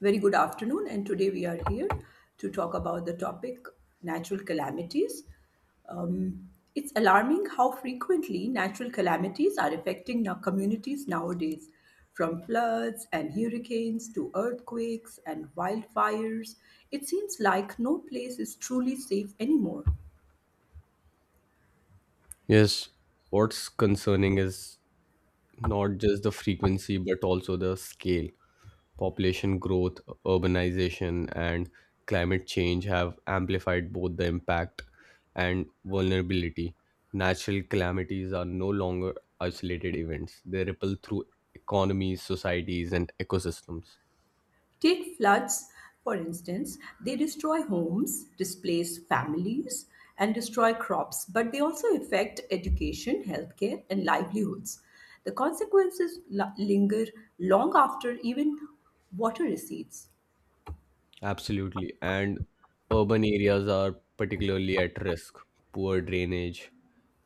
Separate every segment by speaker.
Speaker 1: Very good afternoon, and today we are here to talk about the topic natural calamities. Um, it's alarming how frequently natural calamities are affecting our communities nowadays, from floods and hurricanes to earthquakes and wildfires. It seems like no place is truly safe anymore.
Speaker 2: Yes, what's concerning is not just the frequency but also the scale. Population growth, urbanization, and climate change have amplified both the impact and vulnerability. Natural calamities are no longer isolated events, they ripple through economies, societies, and ecosystems.
Speaker 1: Take floods, for instance, they destroy homes, displace families, and destroy crops, but they also affect education, healthcare, and livelihoods. The consequences linger long after even water recedes.
Speaker 2: Absolutely. And urban areas are particularly at risk. Poor drainage,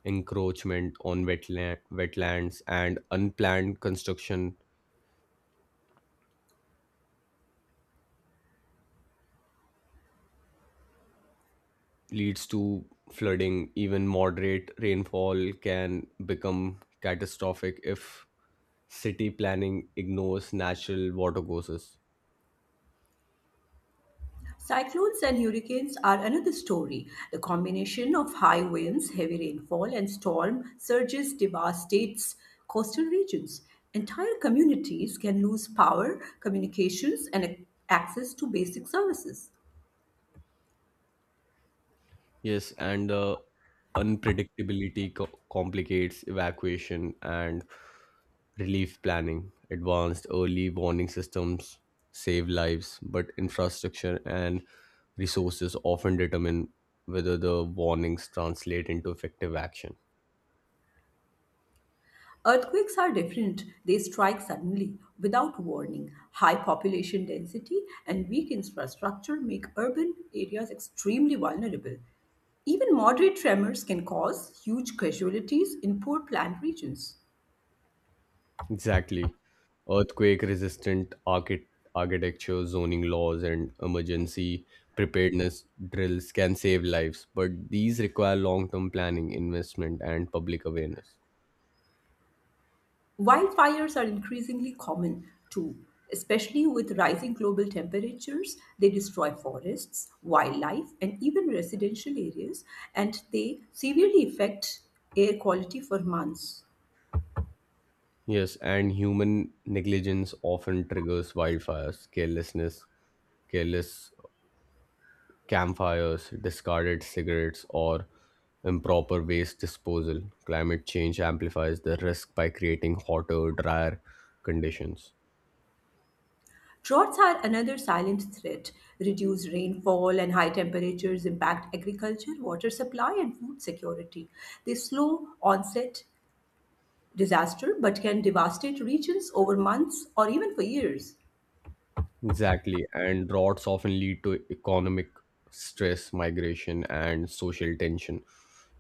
Speaker 2: encroachment on wetlands, and unplanned construction leads to flooding. Even moderate rainfall can become catastrophic if city planning ignores natural water courses.
Speaker 1: Cyclones and hurricanes are another story. The combination of high winds, heavy rainfall, and storm surges devastates coastal regions. Entire communities can lose power, communications, and access to basic services.
Speaker 2: Yes, and the unpredictability complicates evacuation and relief planning. Advanced early warning systems save lives, but infrastructure and resources often determine whether the warnings translate into effective action.
Speaker 1: Earthquakes are different. They strike suddenly, without warning. High population density and weak infrastructure make urban areas extremely vulnerable. Even moderate tremors can cause huge casualties in poor planned regions.
Speaker 2: Exactly. Earthquake resistant architecture, zoning laws, and emergency preparedness drills can save lives, but these require long term planning, investment, and public awareness.
Speaker 1: Wildfires are increasingly common too, especially with rising global temperatures. They destroy forests, wildlife, and even residential areas, and they severely affect air quality for months.
Speaker 2: Yes, and human negligence often triggers wildfires, careless campfires, discarded cigarettes, or improper waste disposal. Climate change amplifies the risk by creating hotter, drier conditions.
Speaker 1: Droughts are another silent threat. Reduced rainfall and high temperatures impact agriculture, water supply, and food security. They slow onset disaster but can devastate regions over months or even for years.
Speaker 2: Exactly, and droughts often lead to economic stress, migration, and social tension.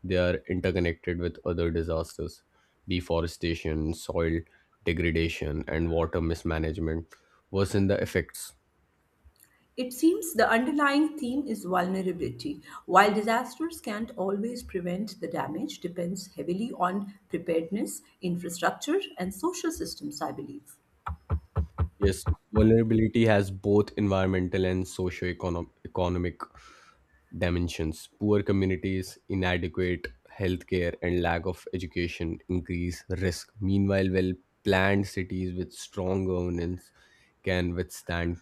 Speaker 2: They are interconnected with other disasters, deforestation, soil degradation, and water mismanagement worsen the effects.
Speaker 1: It seems the underlying theme is vulnerability. While disasters can't always prevent the damage, depends heavily on preparedness, infrastructure, and social systems, I believe.
Speaker 2: Yes, vulnerability has both environmental and socio-economic dimensions. Poor communities, inadequate healthcare, and lack of education increase risk. Meanwhile, well planned cities with strong governance can withstand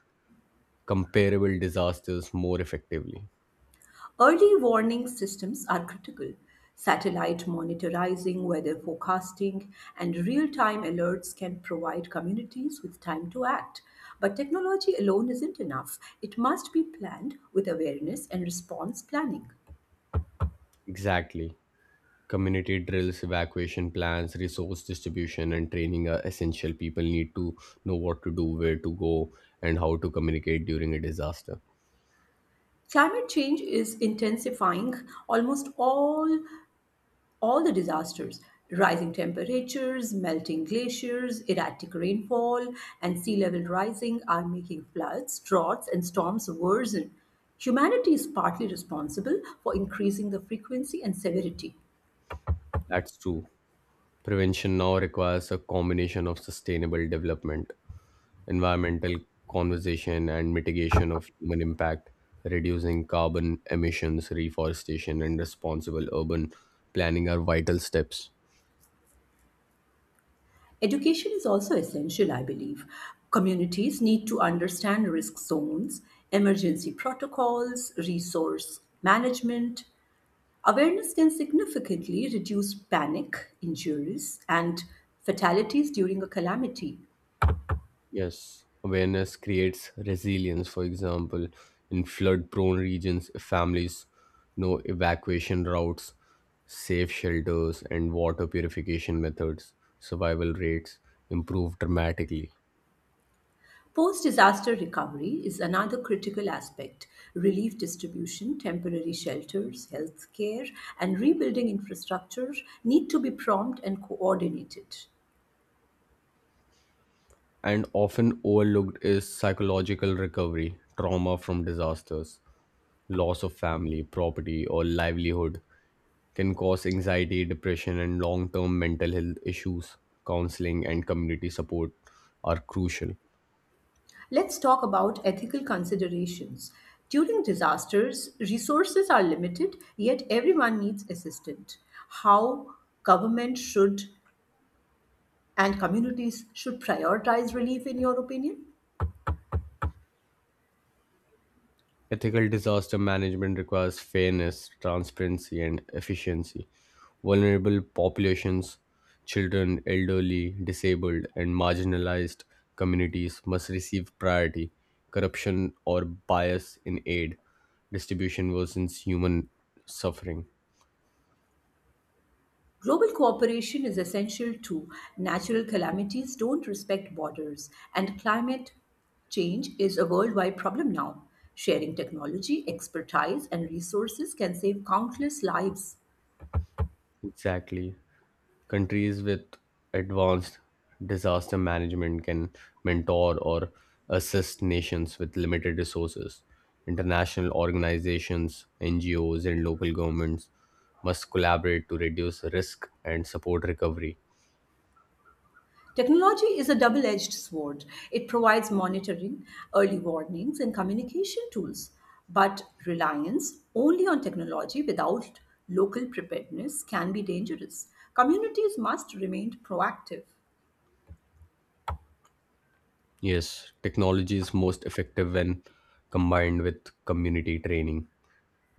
Speaker 2: comparable disasters more effectively.
Speaker 1: Early warning systems are critical. Satellite monitoring, weather forecasting, and real time alerts can provide communities with time to act. But technology alone isn't enough. It must be planned with awareness and response planning.
Speaker 2: Exactly. Community drills, evacuation plans, resource distribution, and training are essential. People need to know what to do, where to go, and how to communicate during a disaster.
Speaker 1: Climate change is intensifying almost all, all the disasters. Rising temperatures, melting glaciers, erratic rainfall, and sea level rising are making floods, droughts, and storms worsen. Humanity is partly responsible for increasing the frequency and severity.
Speaker 2: That's true. Prevention now requires a combination of sustainable development, environmental conservation, and mitigation of human impact. Reducing carbon emissions, reforestation, and responsible urban planning are vital steps.
Speaker 1: Education is also essential, I believe. Communities need to understand risk zones, emergency protocols, resource management. Awareness can significantly reduce panic, injuries, and fatalities during a calamity.
Speaker 2: Yes, awareness creates resilience. For example, in flood prone regions, families know evacuation routes, safe shelters, and water purification methods. Survival rates improve dramatically.
Speaker 1: Post disaster recovery is another critical aspect. Relief distribution, temporary shelters, healthcare, and rebuilding infrastructure need to be prompt and coordinated.
Speaker 2: And often overlooked is psychological recovery. Trauma from disasters, loss of family, property, or livelihood can cause anxiety, depression, and long term mental health issues. Counseling and community support are crucial.
Speaker 1: Let's talk about ethical considerations. During disasters, resources are limited, yet everyone needs assistance. How government should and communities should prioritize relief, in your opinion?
Speaker 2: Ethical disaster management requires fairness, transparency, and efficiency. Vulnerable populations, children, elderly, disabled, and marginalized communities must receive priority. Corruption or bias in aid distribution worsens human suffering.
Speaker 1: Global cooperation is essential too. Natural calamities don't respect borders, and climate change is a worldwide problem now. Sharing technology, expertise, and resources can save countless lives.
Speaker 2: Exactly. Countries with advanced disaster management can mentor or assist nations with limited resources. International organizations, NGOs, and local governments must collaborate to reduce risk and support recovery.
Speaker 1: Technology is a double edged sword. It provides monitoring, early warnings, and communication tools. But reliance only on technology without local preparedness can be dangerous. Communities must remain proactive.
Speaker 2: Yes, technology is most effective when combined with community training,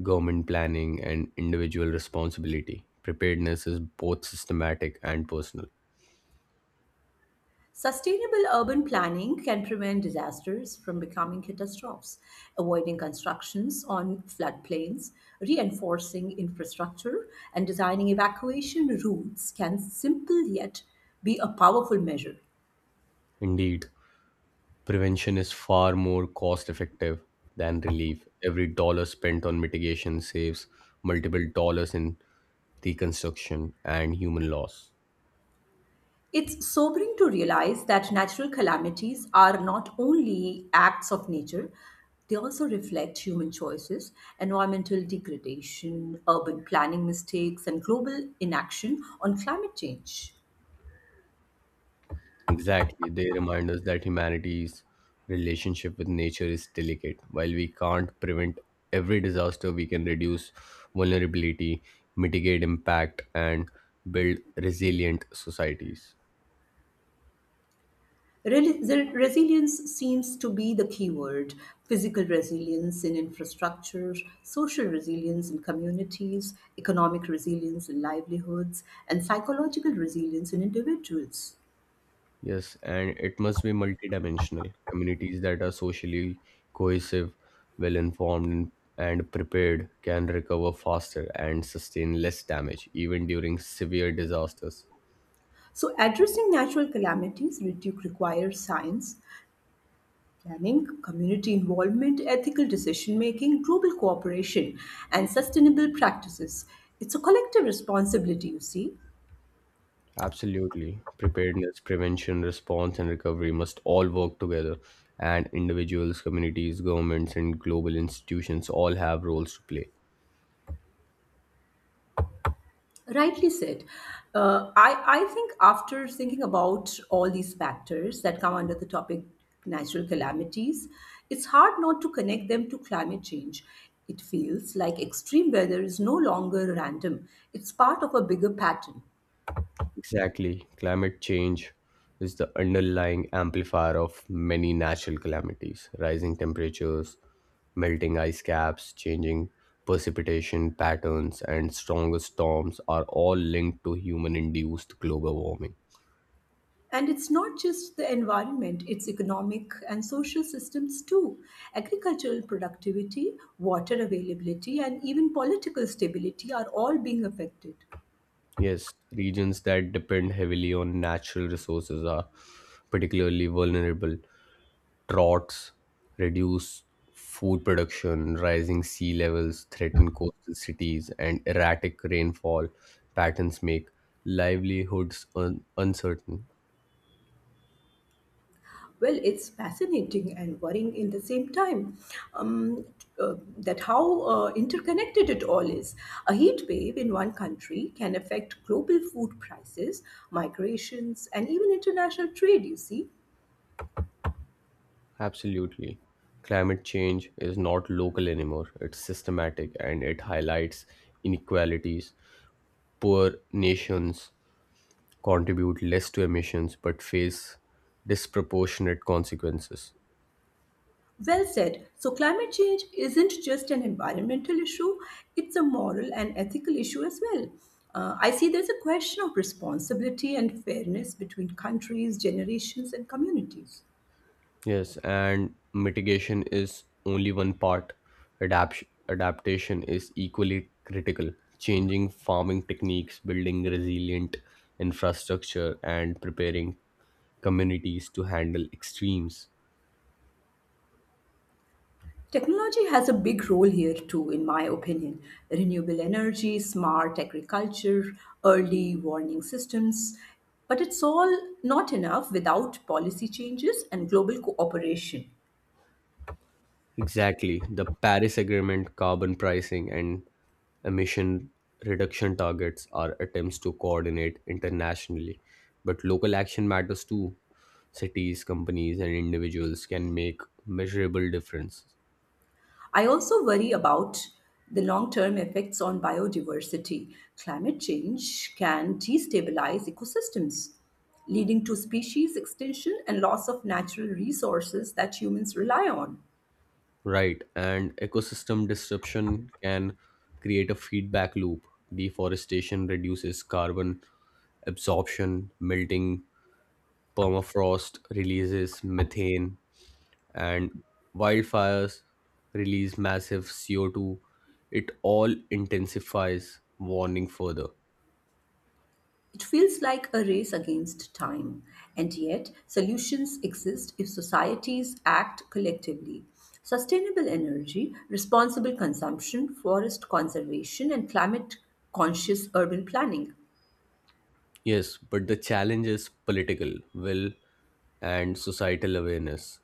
Speaker 2: government planning, and individual responsibility. Preparedness is both systematic and personal.
Speaker 1: Sustainable urban planning can prevent disasters from becoming catastrophes, avoiding constructions on floodplains, reinforcing infrastructure, and designing evacuation routes can simple yet be a powerful measure.
Speaker 2: Indeed, prevention is far more cost effective than relief. Every dollar spent on mitigation saves multiple dollars in reconstruction and human loss.
Speaker 1: It's sobering to realize that natural calamities are not only acts of nature, they also reflect human choices, environmental degradation, urban planning mistakes, and global inaction on climate change.
Speaker 2: Exactly. They remind us that humanity's relationship with nature is delicate. While we can't prevent every disaster, we can reduce vulnerability, mitigate impact, and build resilient societies.
Speaker 1: The Resilience seems to be the key word. Physical resilience in infrastructure, social resilience in communities, economic resilience in livelihoods, and psychological resilience in individuals.
Speaker 2: Yes, and it must be multidimensional. Communities that are socially cohesive, well informed, and prepared can recover faster and sustain less damage, even during severe disasters.
Speaker 1: So, addressing natural calamities requires science, planning, community involvement, ethical decision making, global cooperation, and sustainable practices. It's a collective responsibility, you see.
Speaker 2: Absolutely. Preparedness, prevention, response, and recovery must all work together, and individuals, communities, governments, and global institutions all have roles to play.
Speaker 1: Rightly said. Uh, I, I think after thinking about all these factors that come under the topic natural calamities, it's hard not to connect them to climate change. It feels like extreme weather is no longer random, it's part of a bigger pattern.
Speaker 2: Exactly. Climate change is the underlying amplifier of many natural calamities. Rising temperatures, melting ice caps, changing precipitation patterns, and stronger storms are all linked to human induced global warming.
Speaker 1: And it's not just the environment, it's economic and social systems too. Agricultural productivity, water availability, and even political stability are all being affected.
Speaker 2: Yes, regions that depend heavily on natural resources are particularly vulnerable. Droughts, reduced food production, rising sea levels threaten coastal cities, and erratic rainfall patterns make livelihoods uncertain.
Speaker 1: Well, it's fascinating and worrying in the same time um, that how interconnected it all is. A heat wave in one country can affect global food prices, migrations, and even international trade.
Speaker 2: Absolutely. Climate change is not local anymore, it's systematic and it highlights inequalities, poor nations contribute less to emissions but face disproportionate consequences.
Speaker 1: Well said. So, climate change isn't just an environmental issue, it's a moral and ethical issue as well. I see there's a question of responsibility and fairness between countries, generations, and communities.
Speaker 2: Yes, and mitigation is only one part. Adapt- Adaptation is equally critical. Changing farming techniques, building resilient infrastructure, and preparing communities to handle extremes.
Speaker 1: Technology has a big role here too, in my opinion. Renewable energy, smart agriculture, early warning systems. But it's all not enough without policy changes and global cooperation.
Speaker 2: Exactly. The Paris Agreement, carbon pricing, and emission reduction targets are attempts to coordinate internationally. But local action matters too. Cities, companies, and individuals can make measurable difference.
Speaker 1: I also worry about the long term effects on biodiversity. Climate change can destabilize ecosystems, leading to species extinction and loss of natural resources that humans rely on.
Speaker 2: Right. And ecosystem disruption can create a feedback loop. Deforestation reduces carbon absorption, melting permafrost releases methane, and wildfires release massive CO2. It all intensifies warning further.
Speaker 1: It feels like a race against time, and yet solutions exist if societies act collectively. Sustainable energy, responsible consumption, forest conservation, and climate conscious urban planning.
Speaker 2: Yes, but the challenge is political will and societal awareness.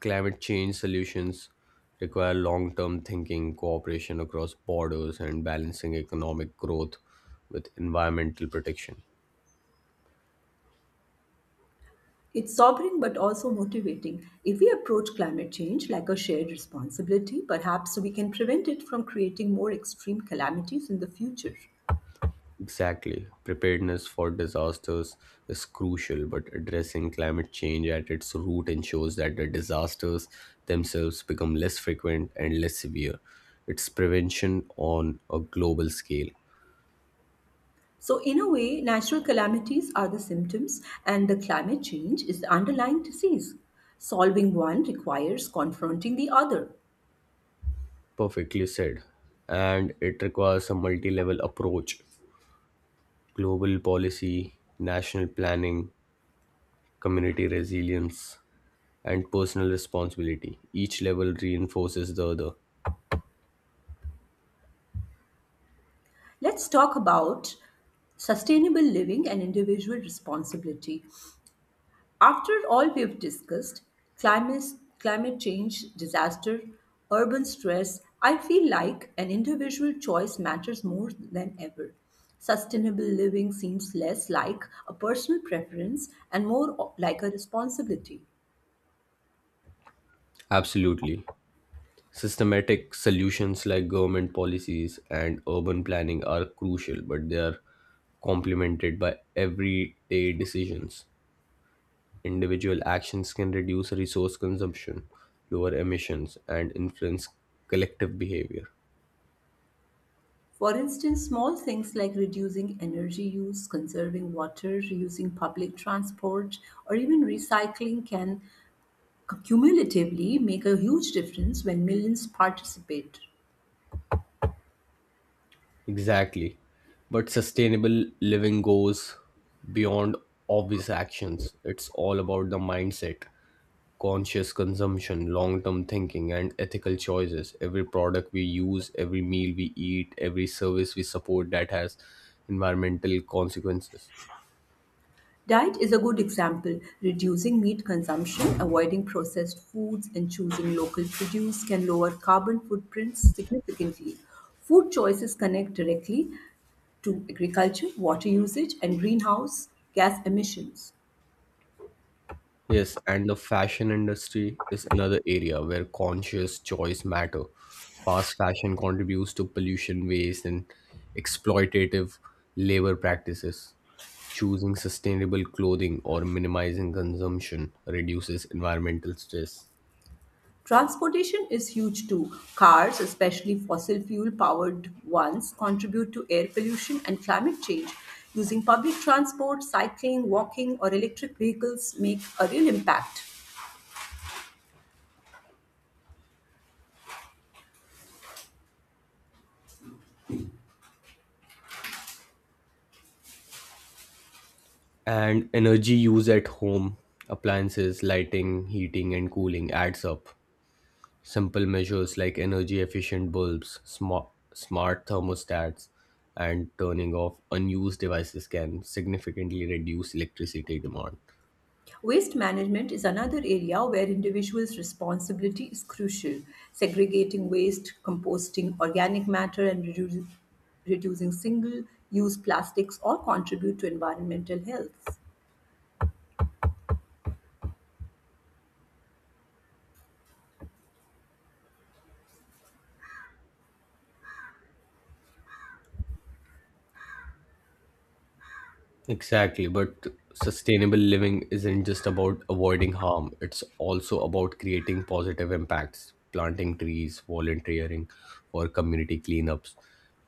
Speaker 2: Climate change solutions require long term thinking, cooperation across borders, and balancing economic growth with environmental protection.
Speaker 1: It's sobering but also motivating. If we approach climate change like a shared responsibility, perhaps we can prevent it from creating more extreme calamities in the future.
Speaker 2: Exactly. Preparedness for disasters is crucial, but addressing climate change at its root ensures that the disasters themselves become less frequent and less severe. It's prevention on a global scale.
Speaker 1: So, in a way, natural calamities are the symptoms, and the climate change is the underlying disease. Solving one requires confronting the other.
Speaker 2: Perfectly said. And it requires a multi level approach: global policy, national planning, community resilience, and personal responsibility. Each level reinforces the other.
Speaker 1: Let's talk about sustainable living and individual responsibility. After all we've discussed climate, climate change, disaster, urban stress, I feel like an individual choice matters more than ever. Sustainable living seems less like a personal preference and more like a responsibility.
Speaker 2: Absolutely. Systematic solutions like government policies and urban planning are crucial, but they are complemented by everyday decisions. Individual actions can reduce resource consumption, lower emissions, and influence collective behavior.
Speaker 1: For instance, small things like reducing energy use, conserving water, using public transport, or even recycling can cumulatively make a huge difference when millions participate.
Speaker 2: Exactly. But sustainable living goes beyond obvious actions, it's all about the mindset. Conscious consumption, long term thinking, and ethical choices. Every product we use, every meal we eat, every service we support that has environmental consequences.
Speaker 1: Diet is a good example. Reducing meat consumption, avoiding processed foods, and choosing local produce can lower carbon footprints significantly. Food choices connect directly to agriculture, water usage, and greenhouse gas emissions.
Speaker 2: Yes, and the fashion industry is another area where conscious choice matter. Fast fashion contributes to pollution, waste, and exploitative labor practices. Choosing sustainable clothing or minimizing consumption reduces environmental stress.
Speaker 1: Transportation is huge too. Cars, especially fossil fuel powered ones, contribute to air pollution and climate change. Using public transport, cycling, walking, or electric vehicles make a real impact.
Speaker 2: And energy use at home, appliances, lighting, heating, and cooling adds up. Simple measures like energy efficient bulbs, smart thermostats, and turning off unused devices can significantly reduce electricity demand.
Speaker 1: Waste management is another area where individuals' responsibility is crucial. Segregating waste, composting organic matter, and reducing single use plastics all contribute to environmental health.
Speaker 2: Exactly, but sustainable living isn't just about avoiding harm, it's also about creating positive impacts. Planting trees, volunteering for community cleanups,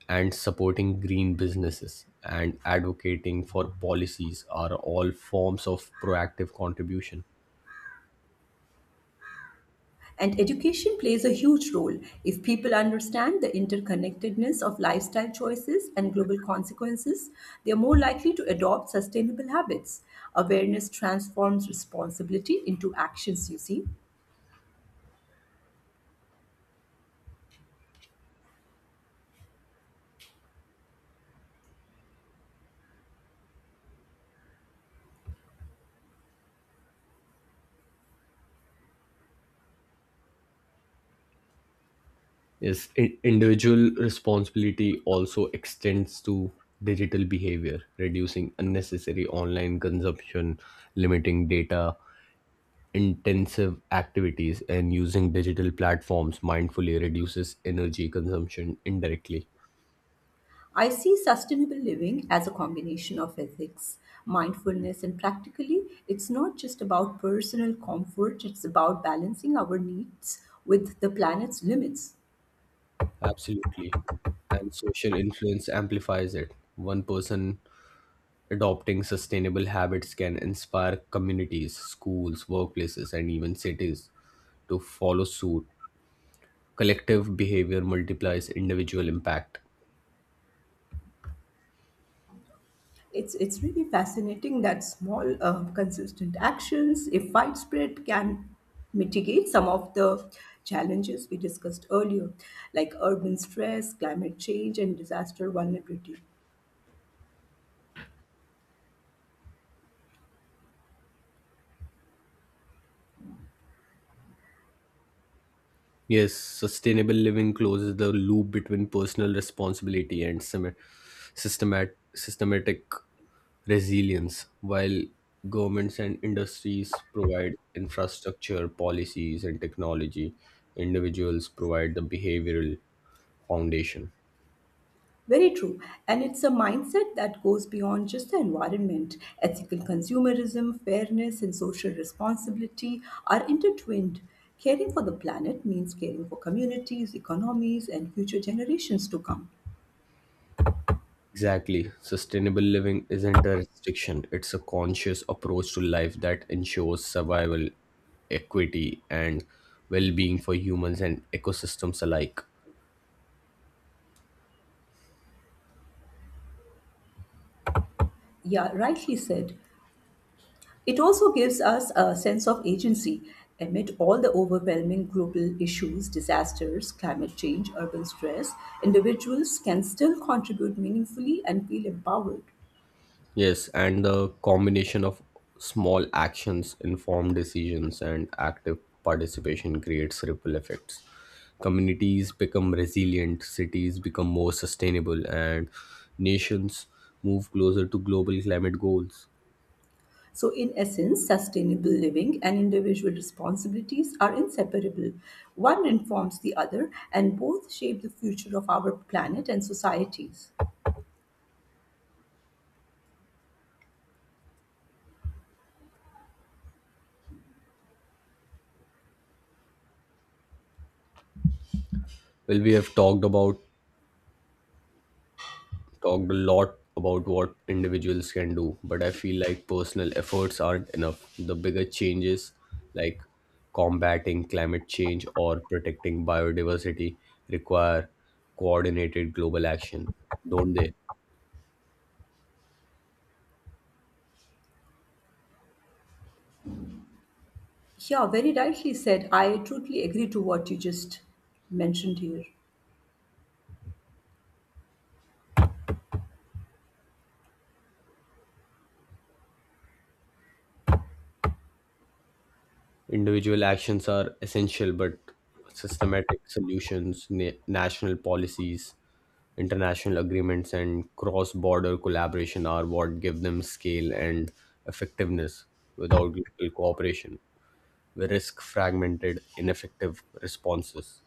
Speaker 2: and supporting green businesses and advocating for policies are all forms of proactive contribution.
Speaker 1: And education plays a huge role. If people understand the interconnectedness of lifestyle choices and global consequences, they are more likely to adopt sustainable habits. Awareness transforms responsibility into actions, you see.
Speaker 2: Yes, individual responsibility also extends to digital behavior. Reducing unnecessary online consumption, limiting data intensive activities, and using digital platforms mindfully reduces energy consumption indirectly.
Speaker 1: I see sustainable living as a combination of ethics, mindfulness, and practically, it's not just about personal comfort, it's about balancing our needs with the planet's limits.
Speaker 2: Absolutely. And social influence amplifies it. One person adopting sustainable habits can inspire communities, schools, workplaces, and even cities to follow suit. Collective behavior multiplies individual impact.
Speaker 1: It's really fascinating that small, consistent actions, if widespread, can mitigate some of the challenges we discussed earlier, like urban stress, climate change, and disaster vulnerability.
Speaker 2: Yes, sustainable living closes the loop between personal responsibility and systematic resilience, while governments and industries provide infrastructure, policies, and technology. Individuals provide the behavioral foundation.
Speaker 1: Very true. And it's a mindset that goes beyond just the environment. Ethical consumerism, fairness, and social responsibility are intertwined. Caring for the planet means caring for communities, economies, and future generations to come.
Speaker 2: Exactly. Sustainable living isn't a restriction, it's a conscious approach to life that ensures survival, equity, and well being for humans and ecosystems alike.
Speaker 1: Yeah, rightly said. It also gives us a sense of agency amid all the overwhelming global issues, disasters, climate change, urban stress. Individuals can still contribute meaningfully and feel empowered.
Speaker 2: Yes, and the combination of small actions, informed decisions, and active participation creates ripple effects. Communities become resilient, cities become more sustainable, and nations move closer to global climate goals.
Speaker 1: So, in essence, sustainable living and individual responsibilities are inseparable. One informs the other, and both shape the future of our planet and societies.
Speaker 2: Well, we have talked about talked a lot about what individuals can do, but I feel like personal efforts aren't enough. The bigger changes, like combating climate change or protecting biodiversity, require coordinated global action, don't they?
Speaker 1: Yeah, very rightly said. I totally agree to what you just mentioned here.
Speaker 2: Individual actions are essential, but systematic solutions, national policies, international agreements, and cross border collaboration are what give them scale and effectiveness without global cooperation risk fragmented, ineffective responses.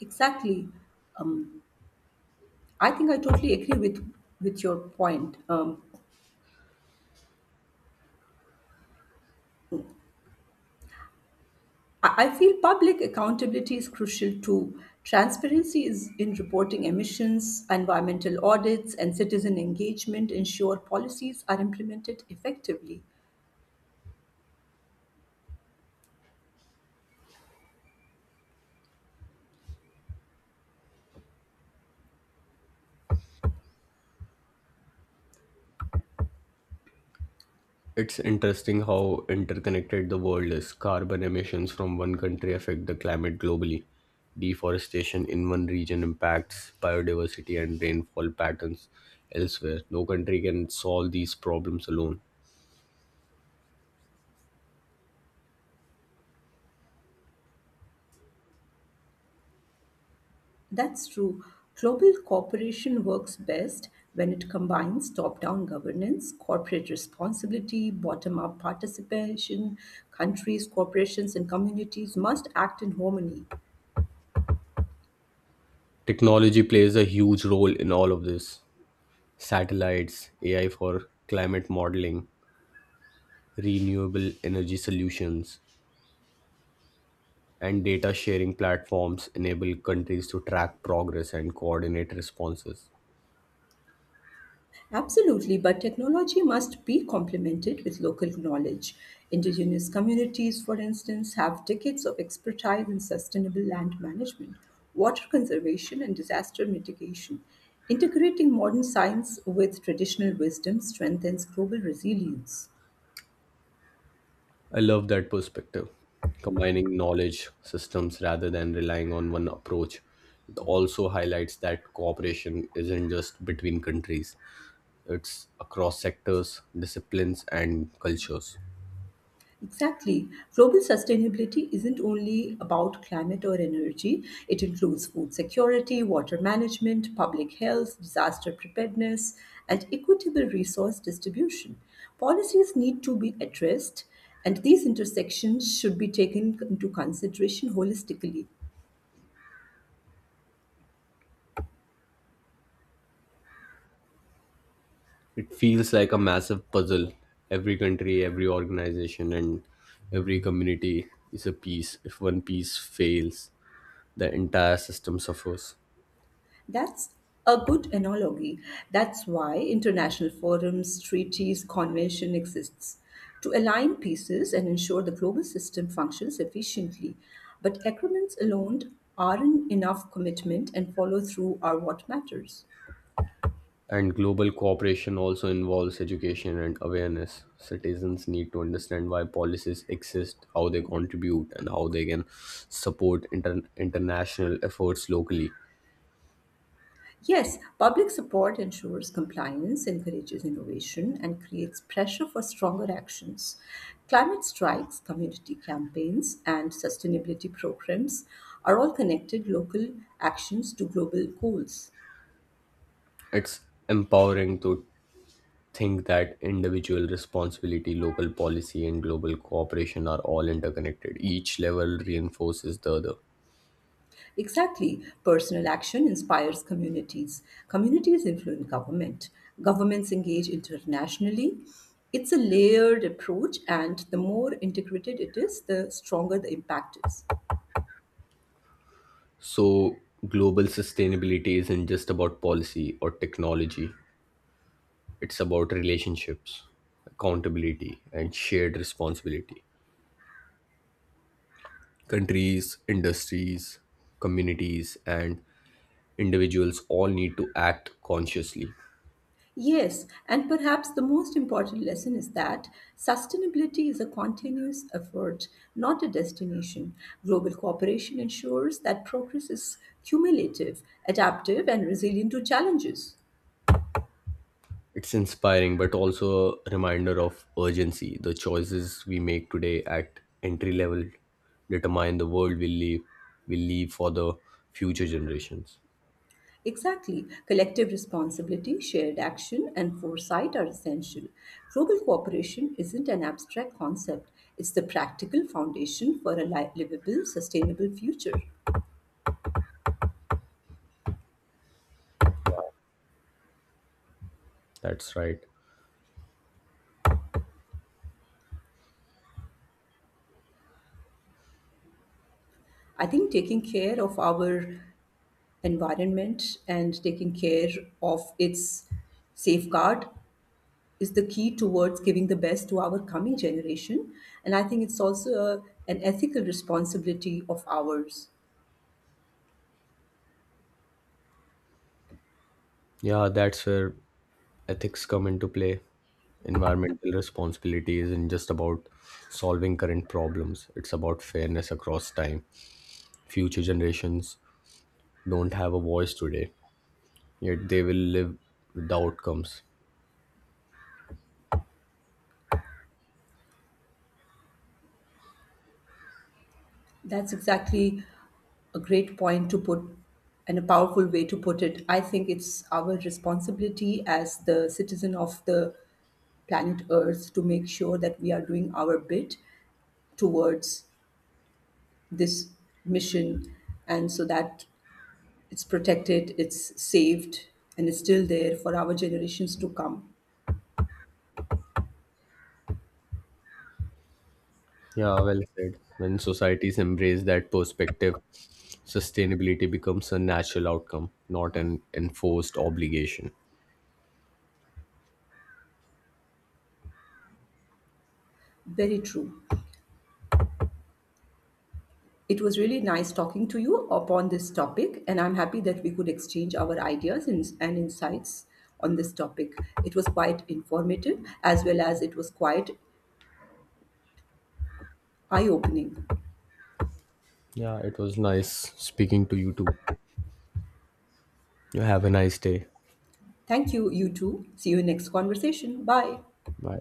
Speaker 1: Exactly. I think I totally agree with your point. I feel public accountability is crucial too. Transparency is in reporting emissions, environmental audits, and citizen engagement ensure policies are implemented effectively.
Speaker 2: It's interesting how interconnected the world is. Carbon emissions from one country affect the climate globally. Deforestation in one region impacts biodiversity and rainfall patterns elsewhere. No country can solve these problems alone.
Speaker 1: That's true. Global cooperation works best when it combines top down governance, corporate responsibility, bottom up participation. Countries, corporations, and communities must act in harmony.
Speaker 2: Technology plays a huge role in all of this. Satellites, AI for climate modeling, renewable energy solutions, and data sharing platforms enable countries to track progress and coordinate responses.
Speaker 1: Absolutely, but technology must be complemented with local knowledge. Indigenous communities, for instance, have decades of expertise in sustainable land management, water conservation, and disaster mitigation. Integrating modern science with traditional wisdom strengthens global resilience.
Speaker 2: I love that perspective. Combining knowledge systems rather than relying on one approach. It also highlights that cooperation isn't just between countries, it's across sectors, disciplines, and cultures.
Speaker 1: Exactly. Global sustainability isn't only about climate or energy, it includes food security, water management, public health, disaster preparedness, and equitable resource distribution. Policies need to be addressed, and these intersections should be taken into consideration holistically.
Speaker 2: It feels like a massive puzzle. Every country, every organization, and every community is a piece. If one piece fails, the entire system suffers.
Speaker 1: That's a good analogy. That's why international forums, treaties, convention exists to align pieces and ensure the global system functions efficiently. But agreements alone aren't enough commitment and follow through are what matters.
Speaker 2: And global cooperation also involves education and awareness. Citizens need to understand why policies exist, how they contribute, and how they can support international efforts locally.
Speaker 1: Yes, public support ensures compliance, encourages innovation, and creates pressure for stronger actions. Climate strikes, community campaigns, and sustainability programs are all connected local actions to global goals.
Speaker 2: It's empowering to think that individual responsibility, local policy, and global cooperation are all interconnected. Each level reinforces the other.
Speaker 1: Exactly, personal action inspires communities. Communities influence government. Governments engage internationally. It's a layered approach, and the more integrated it is, the stronger the impact is.
Speaker 2: So, global sustainability isn't just about policy or technology, it's about relationships, accountability, and shared responsibility. Countries, industries, communities, and individuals all need to act consciously.
Speaker 1: Yes, and perhaps the most important lesson is that sustainability is a continuous effort, not a destination. Global cooperation ensures that progress is cumulative, adaptive, and resilient to challenges.
Speaker 2: It's inspiring, but also a reminder of urgency. The choices we make today at entry level determine the world we live, we leave for the future generations.
Speaker 1: Exactly. Collective responsibility, shared action, and foresight are essential. Global cooperation isn't an abstract concept, it's the practical foundation for a livable, sustainable future.
Speaker 2: That's right.
Speaker 1: I think taking care of our environment and taking care of its safeguard is the key towards giving the best to our coming generation. And I think it's also an ethical responsibility of ours.
Speaker 2: Yeah, that's where ethics come into play. Environmental responsibility isn't just about solving current problems, it's about fairness across time. Future generations don't have a voice today, yet they will live with the outcomes.
Speaker 1: That's exactly a great point to put and a powerful way to put it. I think it's our responsibility as the citizen of the planet Earth to make sure that we are doing our bit towards this mission and so that it's protected, it's saved, and it's still there for our generations to come.
Speaker 2: Yeah, well said. When societies embrace that perspective, sustainability becomes a natural outcome, not an enforced obligation.
Speaker 1: Very true. It was really nice talking to you upon this topic, and I'm happy that we could exchange our ideas and insights on this topic. It was quite informative as well as it was quite eye opening.
Speaker 2: Yeah, it was nice speaking to you too. You have a nice day.
Speaker 1: Thank you, you too. See you in next conversation. Bye.
Speaker 2: Bye.